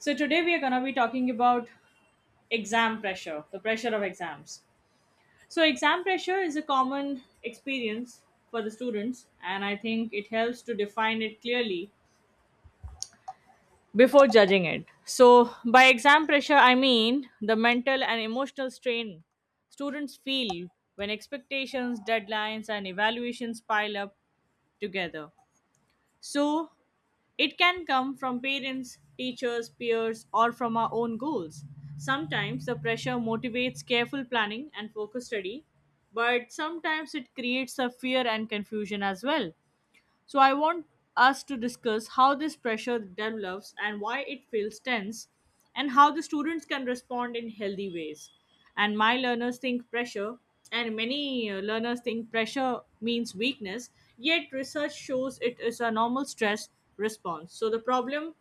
So today we are going to be talking about exam pressure, the pressure of exams. So exam pressure is a common experience for the students, and I think it helps to define it clearly before judging it. So by exam pressure I mean the mental and emotional strain students feel when expectations, deadlines and evaluations pile up together. So, it can come from parents, teachers, peers, or from our own goals. Sometimes the pressure motivates careful planning and focused study, but sometimes it creates a fear and confusion as well. So I want us to discuss how this pressure develops and why it feels tense and how the students can respond in healthy ways. And my learners think pressure and many learners think pressure means weakness, yet research shows it is a normal stress response. So the problem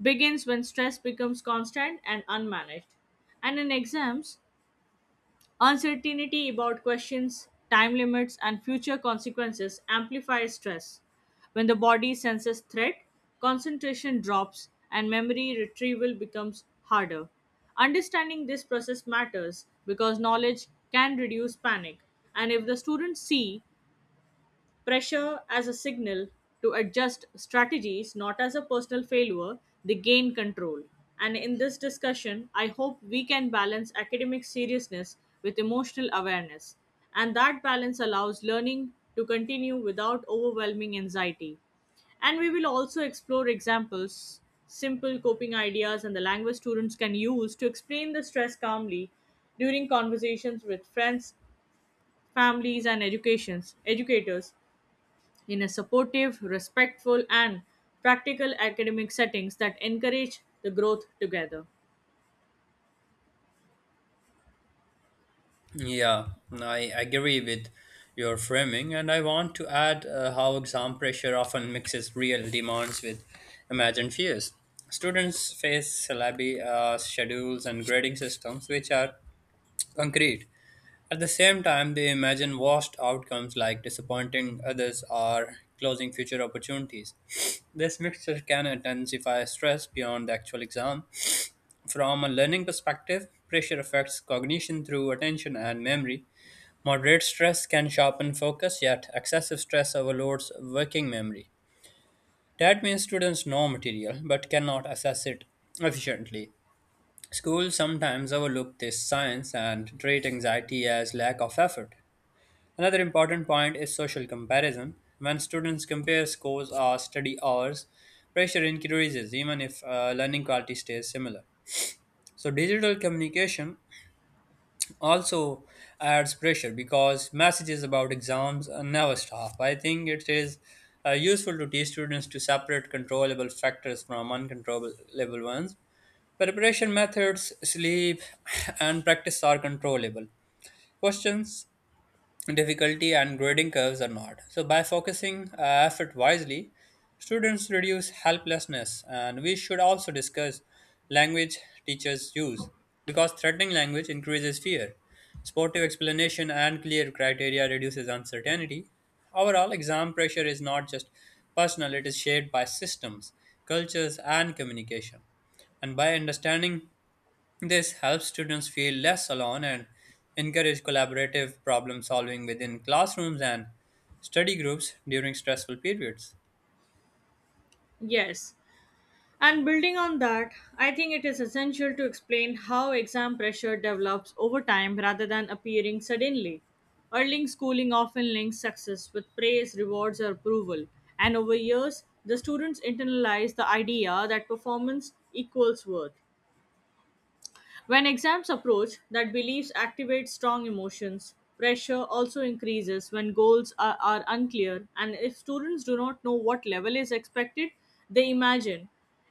begins when stress becomes constant and unmanaged. And in exams, uncertainty about questions, time limits, and future consequences amplifies stress. When the body senses threat, concentration drops and memory retrieval becomes harder. Understanding this process matters because knowledge can reduce panic. And if the students see pressure as a signal to adjust strategies, not as a personal failure, they gain control. And in this discussion, I hope we can balance academic seriousness with emotional awareness. And that balance allows learning to continue without overwhelming anxiety. And we will also explore examples, simple coping ideas, and the language students can use to explain the stress calmly during conversations with friends, families, and educations, educators in a supportive, respectful, and practical academic settings that encourage the growth together. Yeah, I agree with your framing, and I want to add how exam pressure often mixes real demands with imagined fears. Students face syllabi, schedules and grading systems which are concrete. At the same time, they imagine worst outcomes like disappointing others or closing future opportunities. This mixture can intensify stress beyond the actual exam. From a learning perspective, pressure affects cognition through attention and memory. Moderate stress can sharpen focus, yet excessive stress overloads working memory. That means students know material but cannot assess it efficiently. Schools sometimes overlook this science and treat anxiety as lack of effort. Another important point is social comparison. When students compare scores or study hours, pressure increases even if learning quality stays similar. So, digital communication also adds pressure because messages about exams never stop. I think it is useful to teach students to separate controllable factors from uncontrollable ones. Preparation methods, sleep, and practice are controllable. Questions? Difficulty and grading curves are not. So, by focusing effort wisely, students reduce helplessness. And we should also discuss language teachers use because threatening language increases fear. Sportive explanation and clear criteria reduces uncertainty. Overall, exam pressure is not just personal, it is shaped by systems, cultures, and communication. And by understanding this helps students feel less alone and encourage collaborative problem solving within classrooms and study groups during stressful periods. Yes. And building on that, I think it is essential to explain how exam pressure develops over time rather than appearing suddenly. Early schooling often links success with praise, rewards, or approval, and over years, the students internalize the idea that performance equals worth. When exams approach, that beliefs activate strong emotions. Pressure also increases when goals are unclear, and if students do not know what level is expected, they imagine.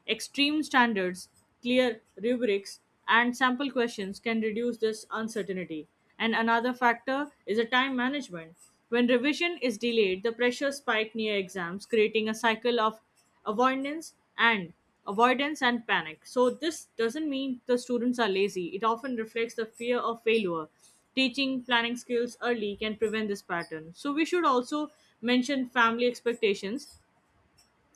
Extreme standards, clear rubrics, and sample questions can reduce this uncertainty. And another factor is a time management. When revision is delayed, the pressure spike near exams, creating a cycle of avoidance and avoidance and panic. So this doesn't mean the students are lazy, it often reflects the fear of failure. Teaching planning skills early can prevent this pattern. So we should also mention family expectations,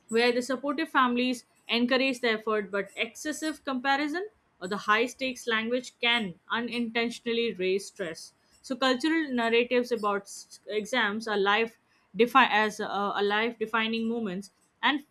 where the supportive families encourage the effort but excessive comparison or the high stakes language can unintentionally raise stress. So cultural narratives about exams as a life defining moments and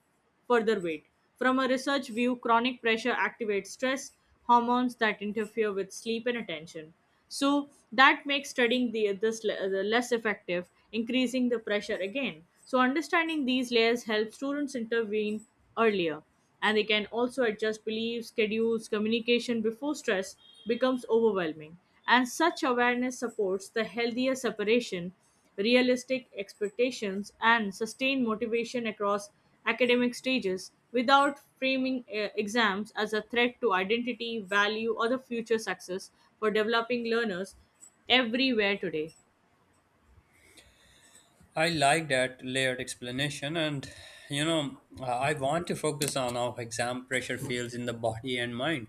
further weight. From a research view, chronic pressure activates stress hormones that interfere with sleep and attention. So that makes studying the less effective, increasing the pressure again. So understanding these layers helps students intervene earlier, and they can also adjust beliefs, schedules, communication before stress becomes overwhelming. And such awareness supports the healthier separation realistic expectations and sustained motivation across academic stages without framing exams as a threat to identity, value, or the future success for developing learners everywhere today. I like that layered explanation, and I want to focus on how exam pressure feels in the body and mind.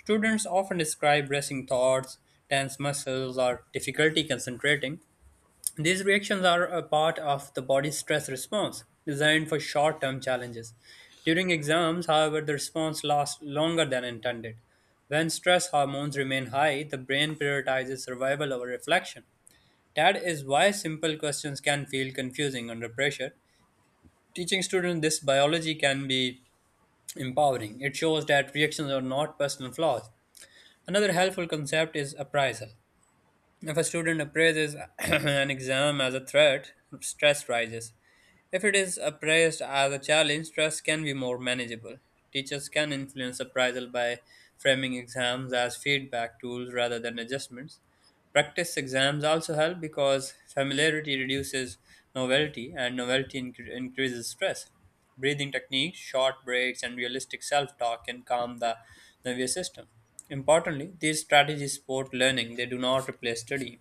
Students often describe racing thoughts, tense muscles, or difficulty concentrating. These reactions are a part of the body's stress response, designed for short term challenges. During exams, however, the response lasts longer than intended. When stress hormones remain high, the brain prioritizes survival over reflection. That is why simple questions can feel confusing under pressure. Teaching students this biology can be empowering. It shows that reactions are not personal flaws. Another helpful concept is appraisal. If a student appraises an exam as a threat, stress rises. If it is appraised as a challenge, stress can be more manageable. Teachers can influence appraisal by framing exams as feedback tools rather than adjustments. Practice exams also help because familiarity reduces novelty and increases stress. Breathing techniques, short breaks, and realistic self talk can calm the nervous system. Importantly, these strategies support learning, they do not replace studying.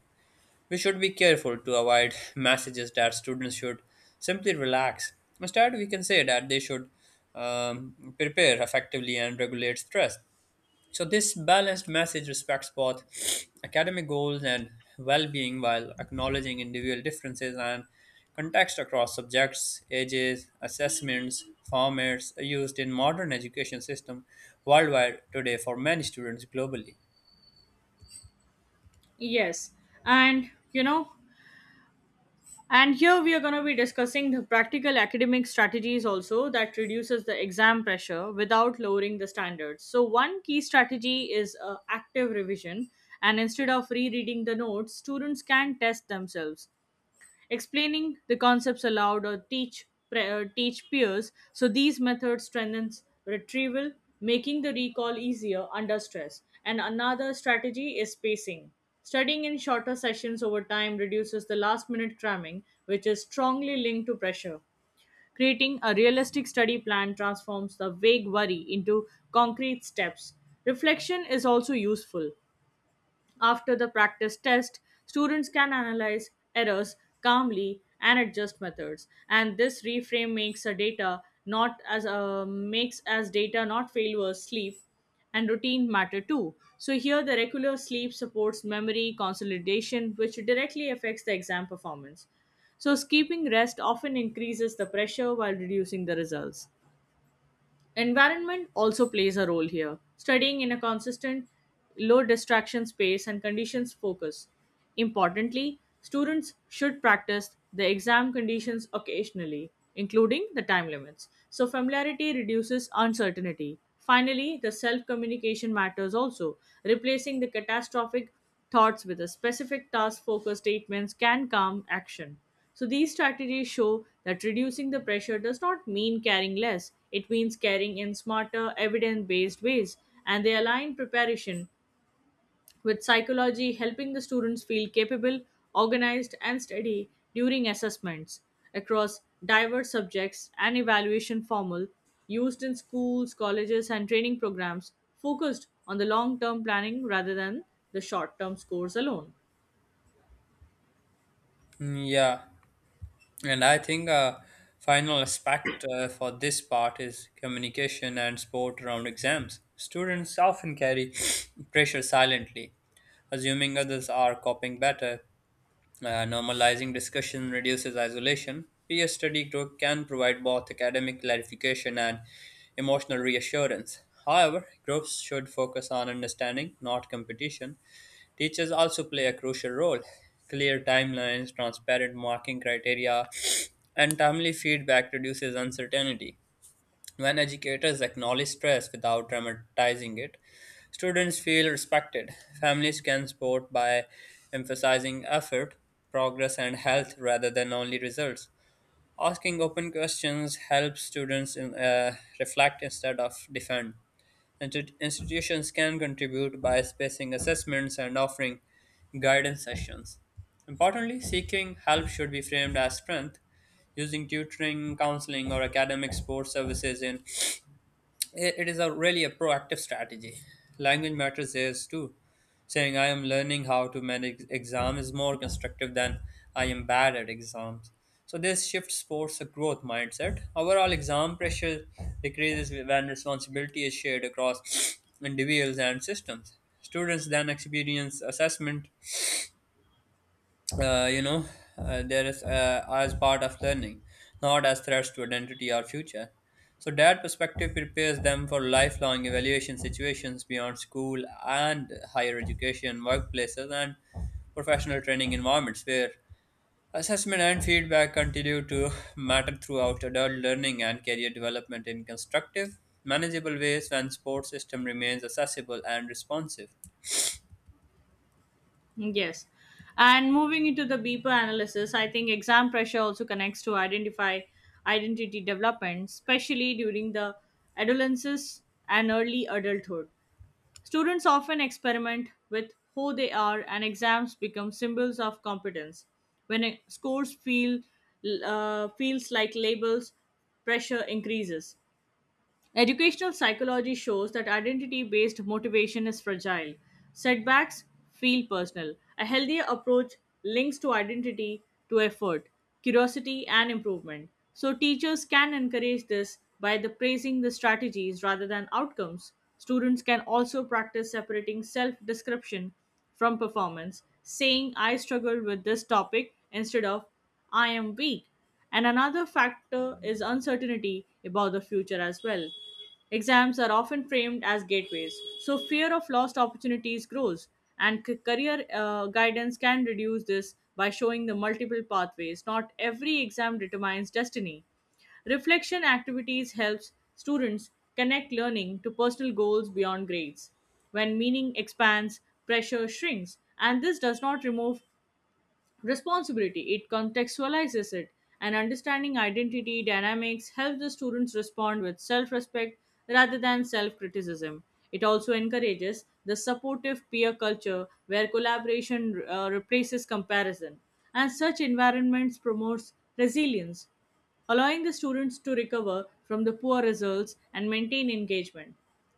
We should be careful to avoid messages that students should simply relax. Instead, we can say that they should prepare effectively and regulate stress. So, this balanced message respects both academic goals and well being while acknowledging individual differences and context across subjects, ages, assessments, formats used in modern education system worldwide today for many students globally. Yes, and you know, and here we are going to be discussing the practical academic strategies also that reduces the exam pressure without lowering the standards. So one key strategy is active revision, and instead of rereading the notes, students can test themselves explaining the concepts aloud or teach peers. So these methods strengthens retrieval, making the recall easier under stress. And another strategy is spacing. Studying in shorter sessions over time reduces the last minute cramming, which is strongly linked to pressure. Creating a realistic study plan transforms the vague worry into concrete steps. Reflection is also useful. After the practice test, students can analyze errors calmly and adjust methods. And this reframe makes a data not as a makes as data not failure. Sleep and routine matter too. So here the regular sleep supports memory consolidation, which directly affects the exam performance. So skipping rest often increases the pressure while reducing the results. Environment also plays a role here. Studying in a consistent, low distraction space and conditions focus. Importantly, students should practice the exam conditions occasionally, including the time limits. So, familiarity reduces uncertainty. Finally, the self communication matters also. Replacing the catastrophic thoughts with a specific task focused statements can calm action. So these strategies show that reducing the pressure does not mean carrying less. It means carrying in smarter, evidence-based ways, and they align preparation with psychology, helping the students feel capable, organized, and steady during assessments across diverse subjects and evaluation formal used in schools, colleges, and training programs focused on the long-term planning rather than the short-term scores alone. Yeah, and I think a final aspect for this part is communication and support around exams. Students often carry pressure silently, assuming others are coping better. Normalizing discussion reduces isolation. Peer study group can provide both academic clarification and emotional reassurance. However, groups should focus on understanding, not competition. Teachers also play a crucial role. Clear timelines, transparent marking criteria, and timely feedback reduces uncertainty. When educators acknowledge stress without dramatizing it, students feel respected. Families can support by emphasizing effort, progress, and health rather than only results. Asking open questions helps students reflect instead of defend. Institutions can contribute by spacing assessments and offering guidance sessions. Importantly, seeking help should be framed as strength. Using tutoring, counseling, or academic support services in it is a really a proactive strategy. Language matters is too. Saying I am learning how to manage exam is more constructive than I am bad at exams. So this shift supports a growth mindset. Overall, exam pressure decreases when responsibility is shared across individuals and systems. Students then experience assessment, uh, you know, there is as part of learning, not as threats to identity or future. So that perspective prepares them for lifelong evaluation situations beyond school and higher education, workplaces, and professional training environments where assessment and feedback continue to matter throughout adult learning and career development in constructive, manageable ways when sports system remains accessible and responsive. Yes. And moving into the deeper analysis, I think exam pressure also connects to identify identity development, especially during the adolescence and early adulthood. Students often experiment with who they are and exams become symbols of competence. When scores feel feels like labels, pressure increases. Educational psychology shows that identity based motivation is fragile. Setbacks feel personal. A healthier approach links to identity to effort, curiosity, and improvement. So, teachers can encourage this by the praising the strategies rather than outcomes. Students can also practice separating self description from performance, saying, "I struggled with this topic" instead of "I am weak." And another factor is uncertainty about the future as well. Exams are often framed as gateways, so fear of lost opportunities grows, and career guidance can reduce this by showing the multiple pathways. Not every exam determines destiny. Reflection activities helps students connect learning to personal goals beyond grades. When meaning expands, pressure shrinks, and this does not remove responsibility, it contextualizes it, and understanding identity dynamics helps the students respond with self respect rather than self criticism. It also encourages the supportive peer culture where collaboration replaces comparison, and such environments promotes resilience, allowing the students to recover from the poor results and maintain engagement.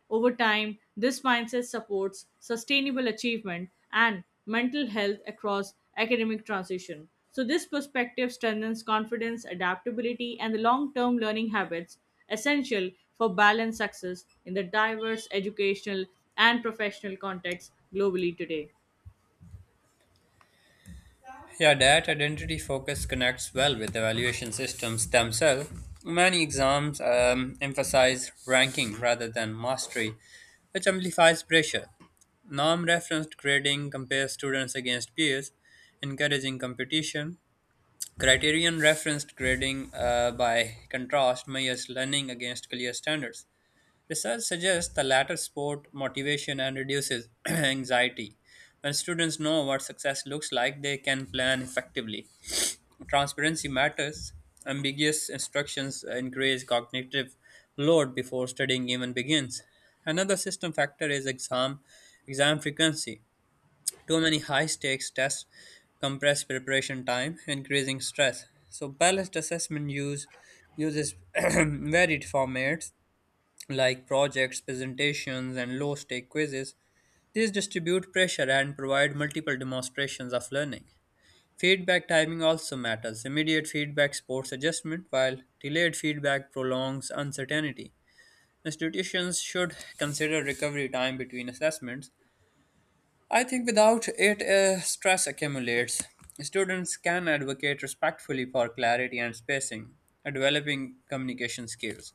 Over time, this mindset supports sustainable achievement and mental health across academic transition. So, this perspective strengthens confidence, adaptability, and the long term learning habits essential for balanced success in the diverse educational and professional contexts globally today. Yeah, that identity focus connects well with evaluation systems themselves. Many exams emphasize ranking rather than mastery, which amplifies pressure. Norm referenced grading compares students against peers, encouraging competition. Criterion referenced grading, by contrast, measures learning against clear standards. Research suggests the latter support motivation and reduces anxiety. When students know what success looks like, they can plan effectively. Transparency matters. Ambiguous instructions increase cognitive load before studying even begins. Another system factor is exam frequency. Too many high stakes tests compress preparation time, increasing stress. So balanced assessment uses varied formats like projects, presentations, and low stake quizzes. These distribute pressure and provide multiple demonstrations of learning. Feedback timing also matters. Immediate feedback supports adjustment, while delayed feedback prolongs uncertainty. Institutions should consider recovery time between assessments. I think without it, stress accumulates. Students can advocate respectfully for clarity and spacing, developing communication skills.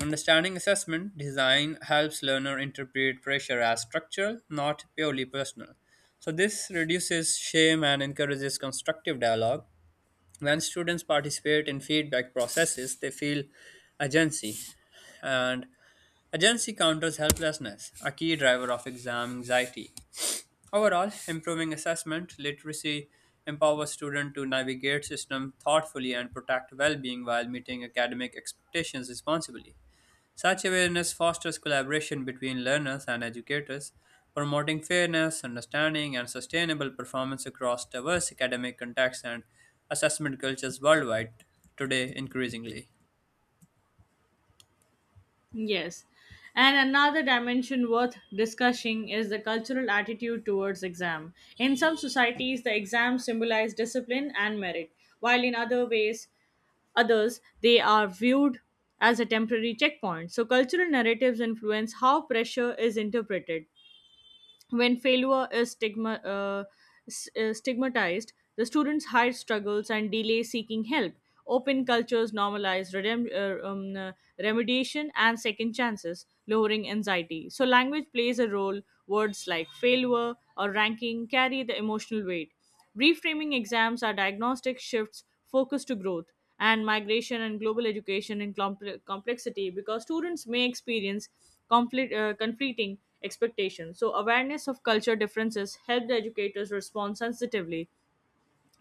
Understanding assessment design helps learner interpret pressure as structural, not purely personal. So this reduces shame and encourages constructive dialogue. When students participate in feedback processes, they feel agency, and agency counters helplessness, a key driver of exam anxiety. Overall, improving assessment literacy empowers students to navigate system thoughtfully and protect well-being while meeting academic expectations responsibly. Such awareness fosters collaboration between learners and educators, promoting fairness, understanding, and sustainable performance across diverse academic contexts and assessment cultures worldwide, today increasingly. Yes. And another dimension worth discussing is the cultural attitude towards exam. In some societies, the exams symbolize discipline and merit, while in other ways, others, they are viewed as a temporary checkpoint. So cultural narratives influence how pressure is interpreted when failure is stigmatized, the students hide struggles and delay seeking help. Open cultures normalize remediation and second chances, lowering anxiety. So, language plays a role. Words like failure or ranking carry the emotional weight. Reframing exams are diagnostic shifts focused to growth and migration and global education in complexity because students may experience conflicting expectations. So, awareness of culture differences help the educators respond sensitively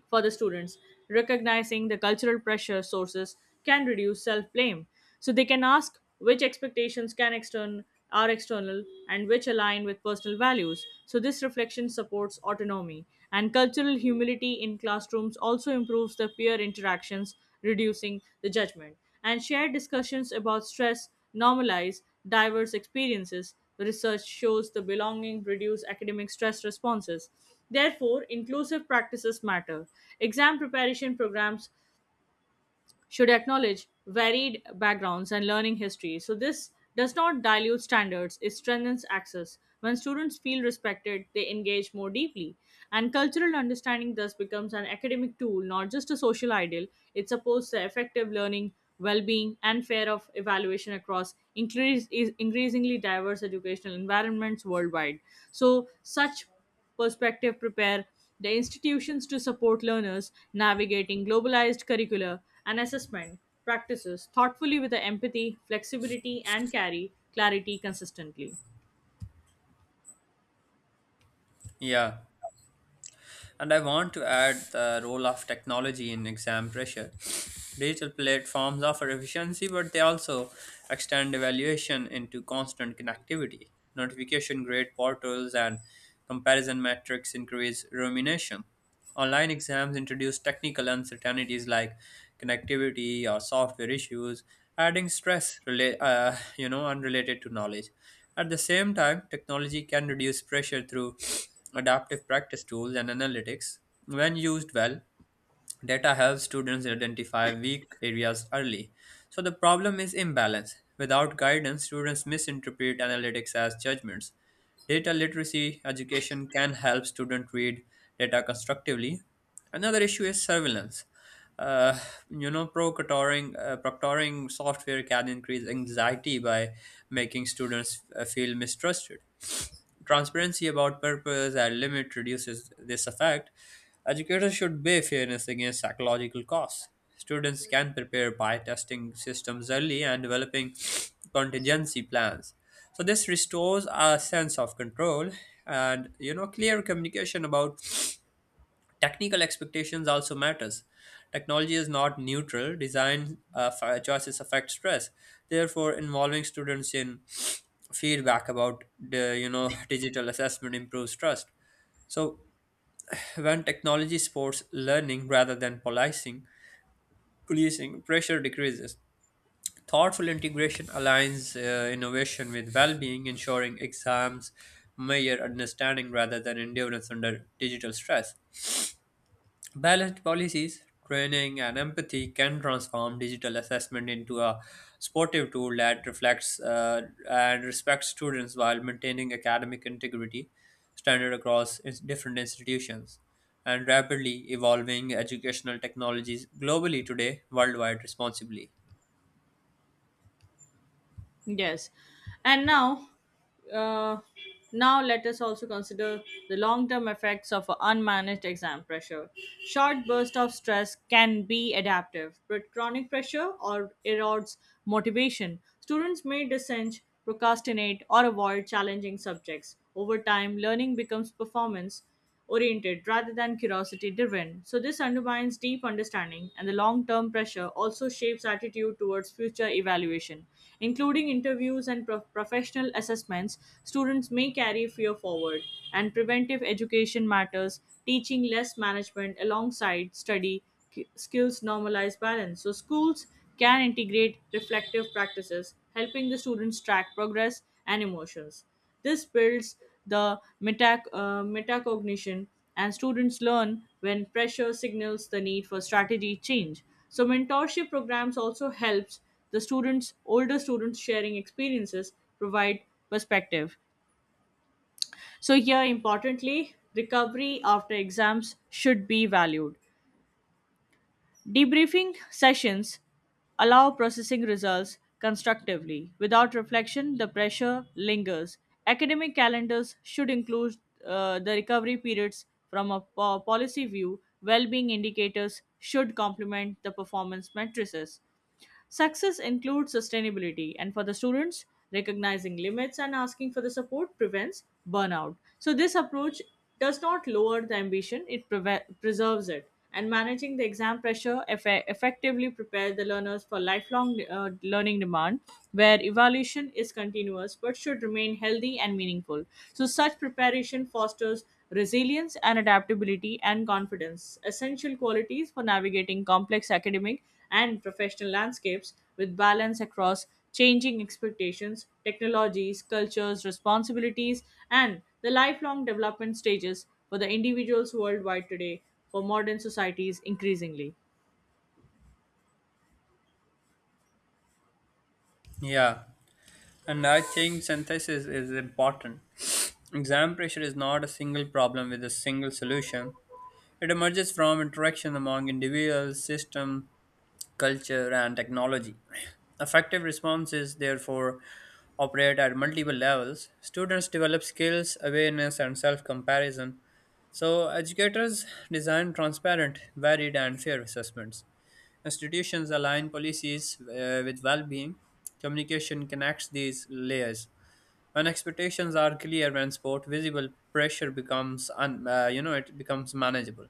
for the students. Recognizing the cultural pressure sources can reduce self blame. So they can ask which expectations can extern are external and which align with personal values. So this reflection supports autonomy. And cultural humility in classrooms also improves the peer interactions, reducing the judgment. And shared discussions about stress normalize diverse experiences. Research shows the belonging reduce academic stress responses. Therefore, inclusive practices matter. Exam preparation programs should acknowledge varied backgrounds and learning history. So, this does not dilute standards, it strengthens access. When students feel respected, they engage more deeply. And cultural understanding thus becomes an academic tool, not just a social ideal. It supports the effective learning, well being, and fair of evaluation across increasingly diverse educational environments worldwide. So, such perspective prepare the institutions to support learners navigating globalized curricula and assessment practices thoughtfully with the empathy, flexibility, and carry clarity consistently. Yeah, and I want to add the role of technology in exam pressure. Digital platforms offer efficiency, but they also extend evaluation into constant connectivity. Notification grade portals and comparison metrics increase rumination. Online exams introduce technical uncertainties like connectivity or software issues, adding stress unrelated to knowledge. At the same time, technology can reduce pressure through adaptive practice tools and analytics when used well. Data helps students identify weak areas early. So the problem is imbalance. Without guidance, students misinterpret analytics as judgments. Data literacy education can help students read data constructively. Another issue is surveillance. Uh, proctoring software can increase anxiety by making students feel mistrusted. Transparency about purpose and limit reduces this effect. Educators should weigh fairness against psychological costs. Students can prepare by testing systems early and developing contingency plans. So this restores a sense of control, and clear communication about technical expectations also matters. Technology is not neutral. Design choices affect stress. Therefore, involving students in feedback about the digital assessment improves trust. So when technology supports learning rather than policing, pressure decreases. Thoughtful integration aligns innovation with well-being, ensuring exams measure understanding rather than endurance under digital stress. Balanced policies, training, and empathy can transform digital assessment into a sportive tool that reflects and respects students while maintaining academic integrity standard across different institutions. And rapidly evolving educational technologies globally today, worldwide responsibly. Yes. And now, uh, now let us also consider the long term effects of unmanaged exam pressure. Short bursts of stress can be adaptive, but chronic pressure or erodes motivation. Students may dissent, procrastinate, or avoid challenging subjects. Over time, learning becomes performance oriented rather than curiosity driven. So, this undermines deep understanding, and the long term pressure also shapes attitude towards future evaluation. Including interviews and professional assessments, students may carry fear forward, and preventive education matters, teaching less management alongside study skills normalize balance. So, schools can integrate reflective practices, helping the students track progress and emotions. This builds the metacognition, and students learn when pressure signals the need for strategy change. So mentorship programs also helps the students, older students sharing experiences, provide perspective. So here, importantly, recovery after exams should be valued. Debriefing sessions allow processing results constructively. Without reflection, the pressure lingers. Academic calendars should include the recovery periods from a policy view. Well being indicators should complement the performance matrices. Success includes sustainability, and for the students, recognizing limits and asking for the support prevents burnout. So, this approach does not lower the ambition, it preserves it. And managing the exam pressure effectively prepares the learners for lifelong learning demand, where evaluation is continuous but should remain healthy and meaningful. So, such preparation fosters resilience and adaptability and confidence, essential qualities for navigating complex academic and professional landscapes with balance across changing expectations, technologies, cultures, responsibilities, and the lifelong development stages for the individuals worldwide today for modern societies increasingly. Yeah, and I think synthesis is important. Exam pressure is not a single problem with a single solution. It emerges from interaction among individuals, system, culture, and technology. Effective responses, therefore, operate at multiple levels. Students develop skills, awareness, and self comparison. So, educators design transparent, varied, and fair assessments. Institutions align policies with well being. Communication connects these layers. When expectations are clear and support visible, pressure becomes, it becomes manageable.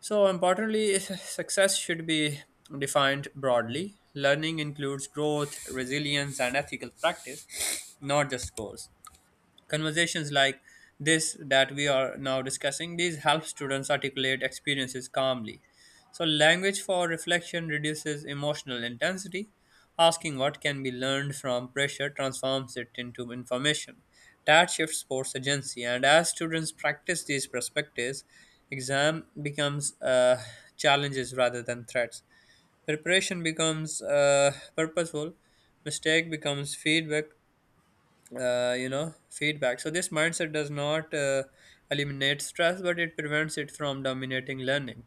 So, importantly, success should be defined broadly. Learning includes growth, resilience, and ethical practice, not just goals. Conversations like this that we are now discussing, these help students articulate experiences calmly. So language for reflection reduces emotional intensity. Asking what can be learned from pressure transforms it into information. That shifts sports agency, and as students practice these perspectives, exam becomes challenges rather than threats. Preparation becomes purposeful, mistake becomes feedback, feedback. So this mindset does not eliminate stress, but it prevents it from dominating learning.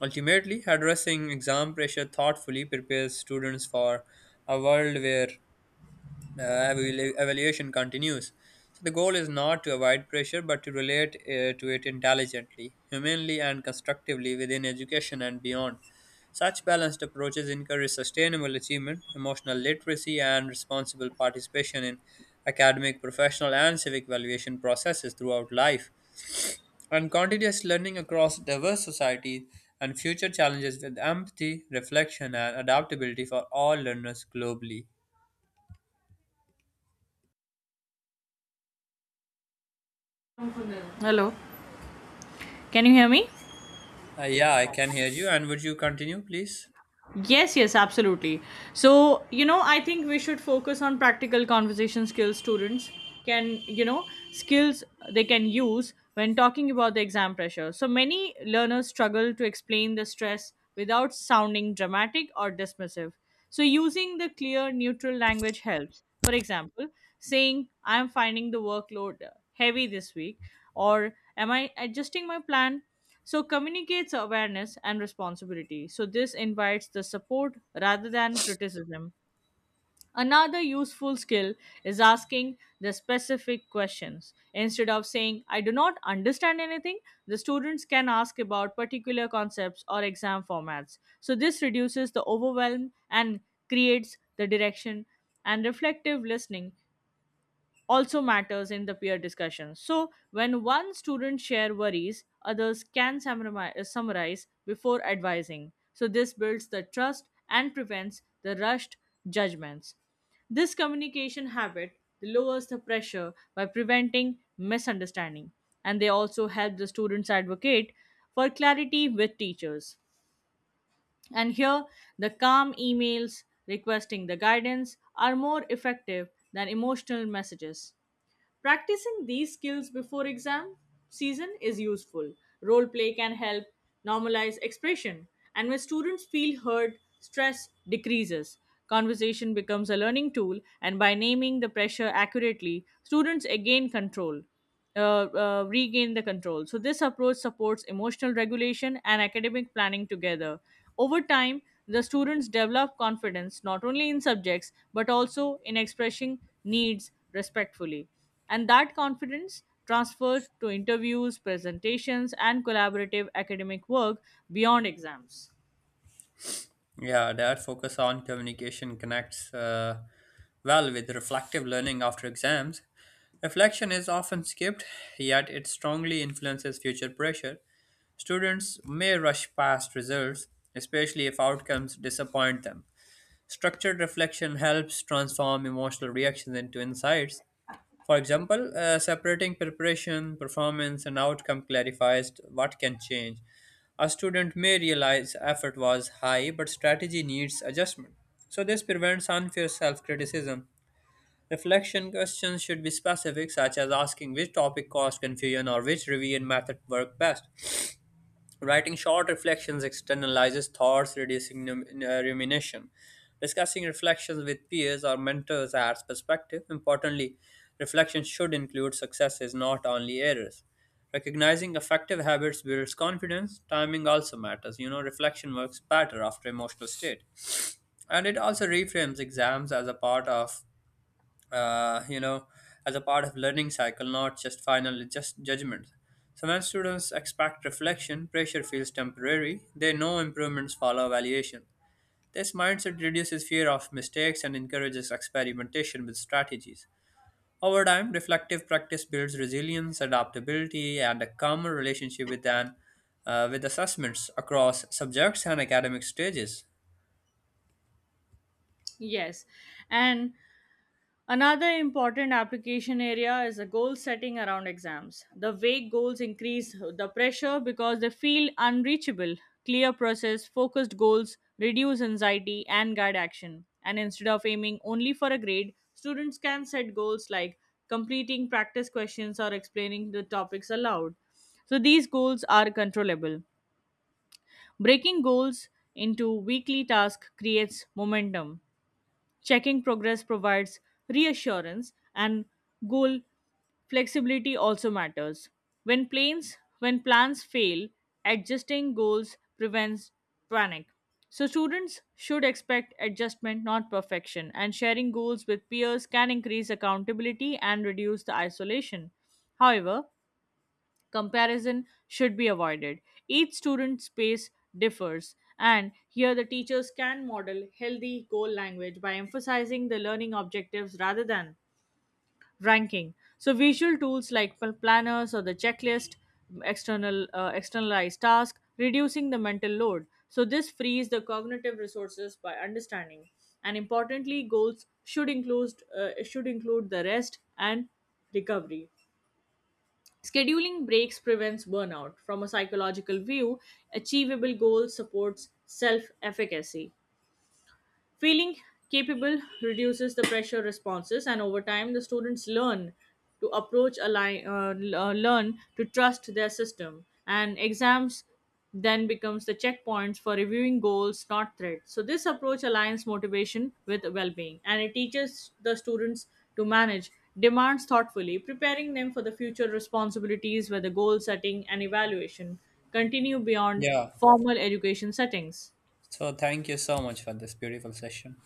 Ultimately, addressing exam pressure thoughtfully prepares students for a world where uh, evaluation continues. So the goal is not to avoid pressure, but to relate to it intelligently, humanely, and constructively within education and beyond. Such balanced approaches encourage sustainable achievement, emotional literacy, and responsible participation in academic, professional, and civic evaluation processes throughout life. And continuous learning across diverse societies and future challenges with empathy, reflection, and adaptability for all learners globally. Hello, can you hear me? Yeah, I can hear you. And would you continue, please? Yes, yes, absolutely. So, you know, I think we should focus on practical conversation skills students can, you know, skills they can use when talking about the exam pressure. So, many learners struggle to explain the stress without sounding dramatic or dismissive. So, using the clear, neutral language helps. For example, saying, I am finding the workload heavy this week, or am I adjusting my plan? So, communicates awareness and responsibility. So, this invites the support rather than criticism. Another useful skill is asking the specific questions. Instead of saying, I do not understand anything, the students can ask about particular concepts or exam formats. So, this reduces the overwhelm and creates the direction and reflective listening also matters in the peer discussion. So, when one student share worries, others can summarize before advising. So, this builds the trust and prevents the rushed judgments. This communication habit lowers the pressure by preventing misunderstanding, and they also help the students advocate for clarity with teachers. And here, the calm emails requesting the guidance are more effective than emotional messages. Practicing these skills before exam season is useful. Role play can help normalize expression, and when students feel heard, stress decreases. Conversation becomes a learning tool, and by naming the pressure accurately, students gain control regain the control. So, this approach supports emotional regulation and academic planning together. Over time, the students develop confidence not only in subjects but also in expressing needs respectfully. And that confidence transfers to interviews, presentations, and collaborative academic work beyond exams. Yeah, their focus on communication connects well with reflective learning after exams. Reflection is often skipped, yet it strongly influences future pressure. Students may rush past results, especially if outcomes disappoint them. Structured reflection helps transform emotional reactions into insights. For example, separating preparation, performance, and outcome clarifies what can change. A student may realize effort was high, but strategy needs adjustment. So, this prevents unfair self criticism. Reflection questions should be specific, such as asking which topic caused confusion or which review and method worked best. Writing short reflections externalizes thoughts, reducing rumination. Discussing reflections with peers or mentors adds perspective. Importantly, reflection should include successes, not only errors. Recognizing effective habits builds confidence. Timing also matters. You know, reflection works better after emotional state. And it also reframes exams as a part of uh, you know, as a part of learning cycle, not just final, just judgment. So when students expect reflection, pressure feels temporary. They know improvements follow evaluation. This mindset reduces fear of mistakes and encourages experimentation with strategies. Over time, reflective practice builds resilience, adaptability, and a calmer relationship with an with assessments across subjects and academic stages. Yes, and another important application area is the goal setting around exams. The vague goals increase the pressure because they feel unreachable. Clear process, focused goals reduce anxiety and guide action. And instead of aiming only for a grade, students can set goals like completing practice questions or explaining the topics aloud. So these goals are controllable. Breaking goals into weekly tasks creates momentum. Checking progress provides reassurance and goal flexibility also matters. When plans fail, adjusting goals prevents panic. So students should expect adjustment not perfection, and sharing goals with peers can increase accountability and reduce the isolation. However, comparison should be avoided. Each student's pace differs, and here the teachers can model healthy goal language by emphasizing the learning objectives rather than ranking. So, visual tools like planners or the checklist, externalized task, reducing the mental load. So, this frees the cognitive resources by understanding. And importantly, goals should include the rest and recovery. Scheduling breaks prevents burnout. From a psychological view, achievable goals supports self efficacy. Feeling capable reduces the pressure responses, and over time, the students learn to approach a li- l- learn to trust their system, and exams then becomes the checkpoints for reviewing goals, not threats. So this approach aligns motivation with well-being, and it teaches the students to manage demands thoughtfully, preparing them for the future responsibilities where the goal setting and evaluation continue beyond Yeah. formal education settings. So thank you so much for this beautiful session.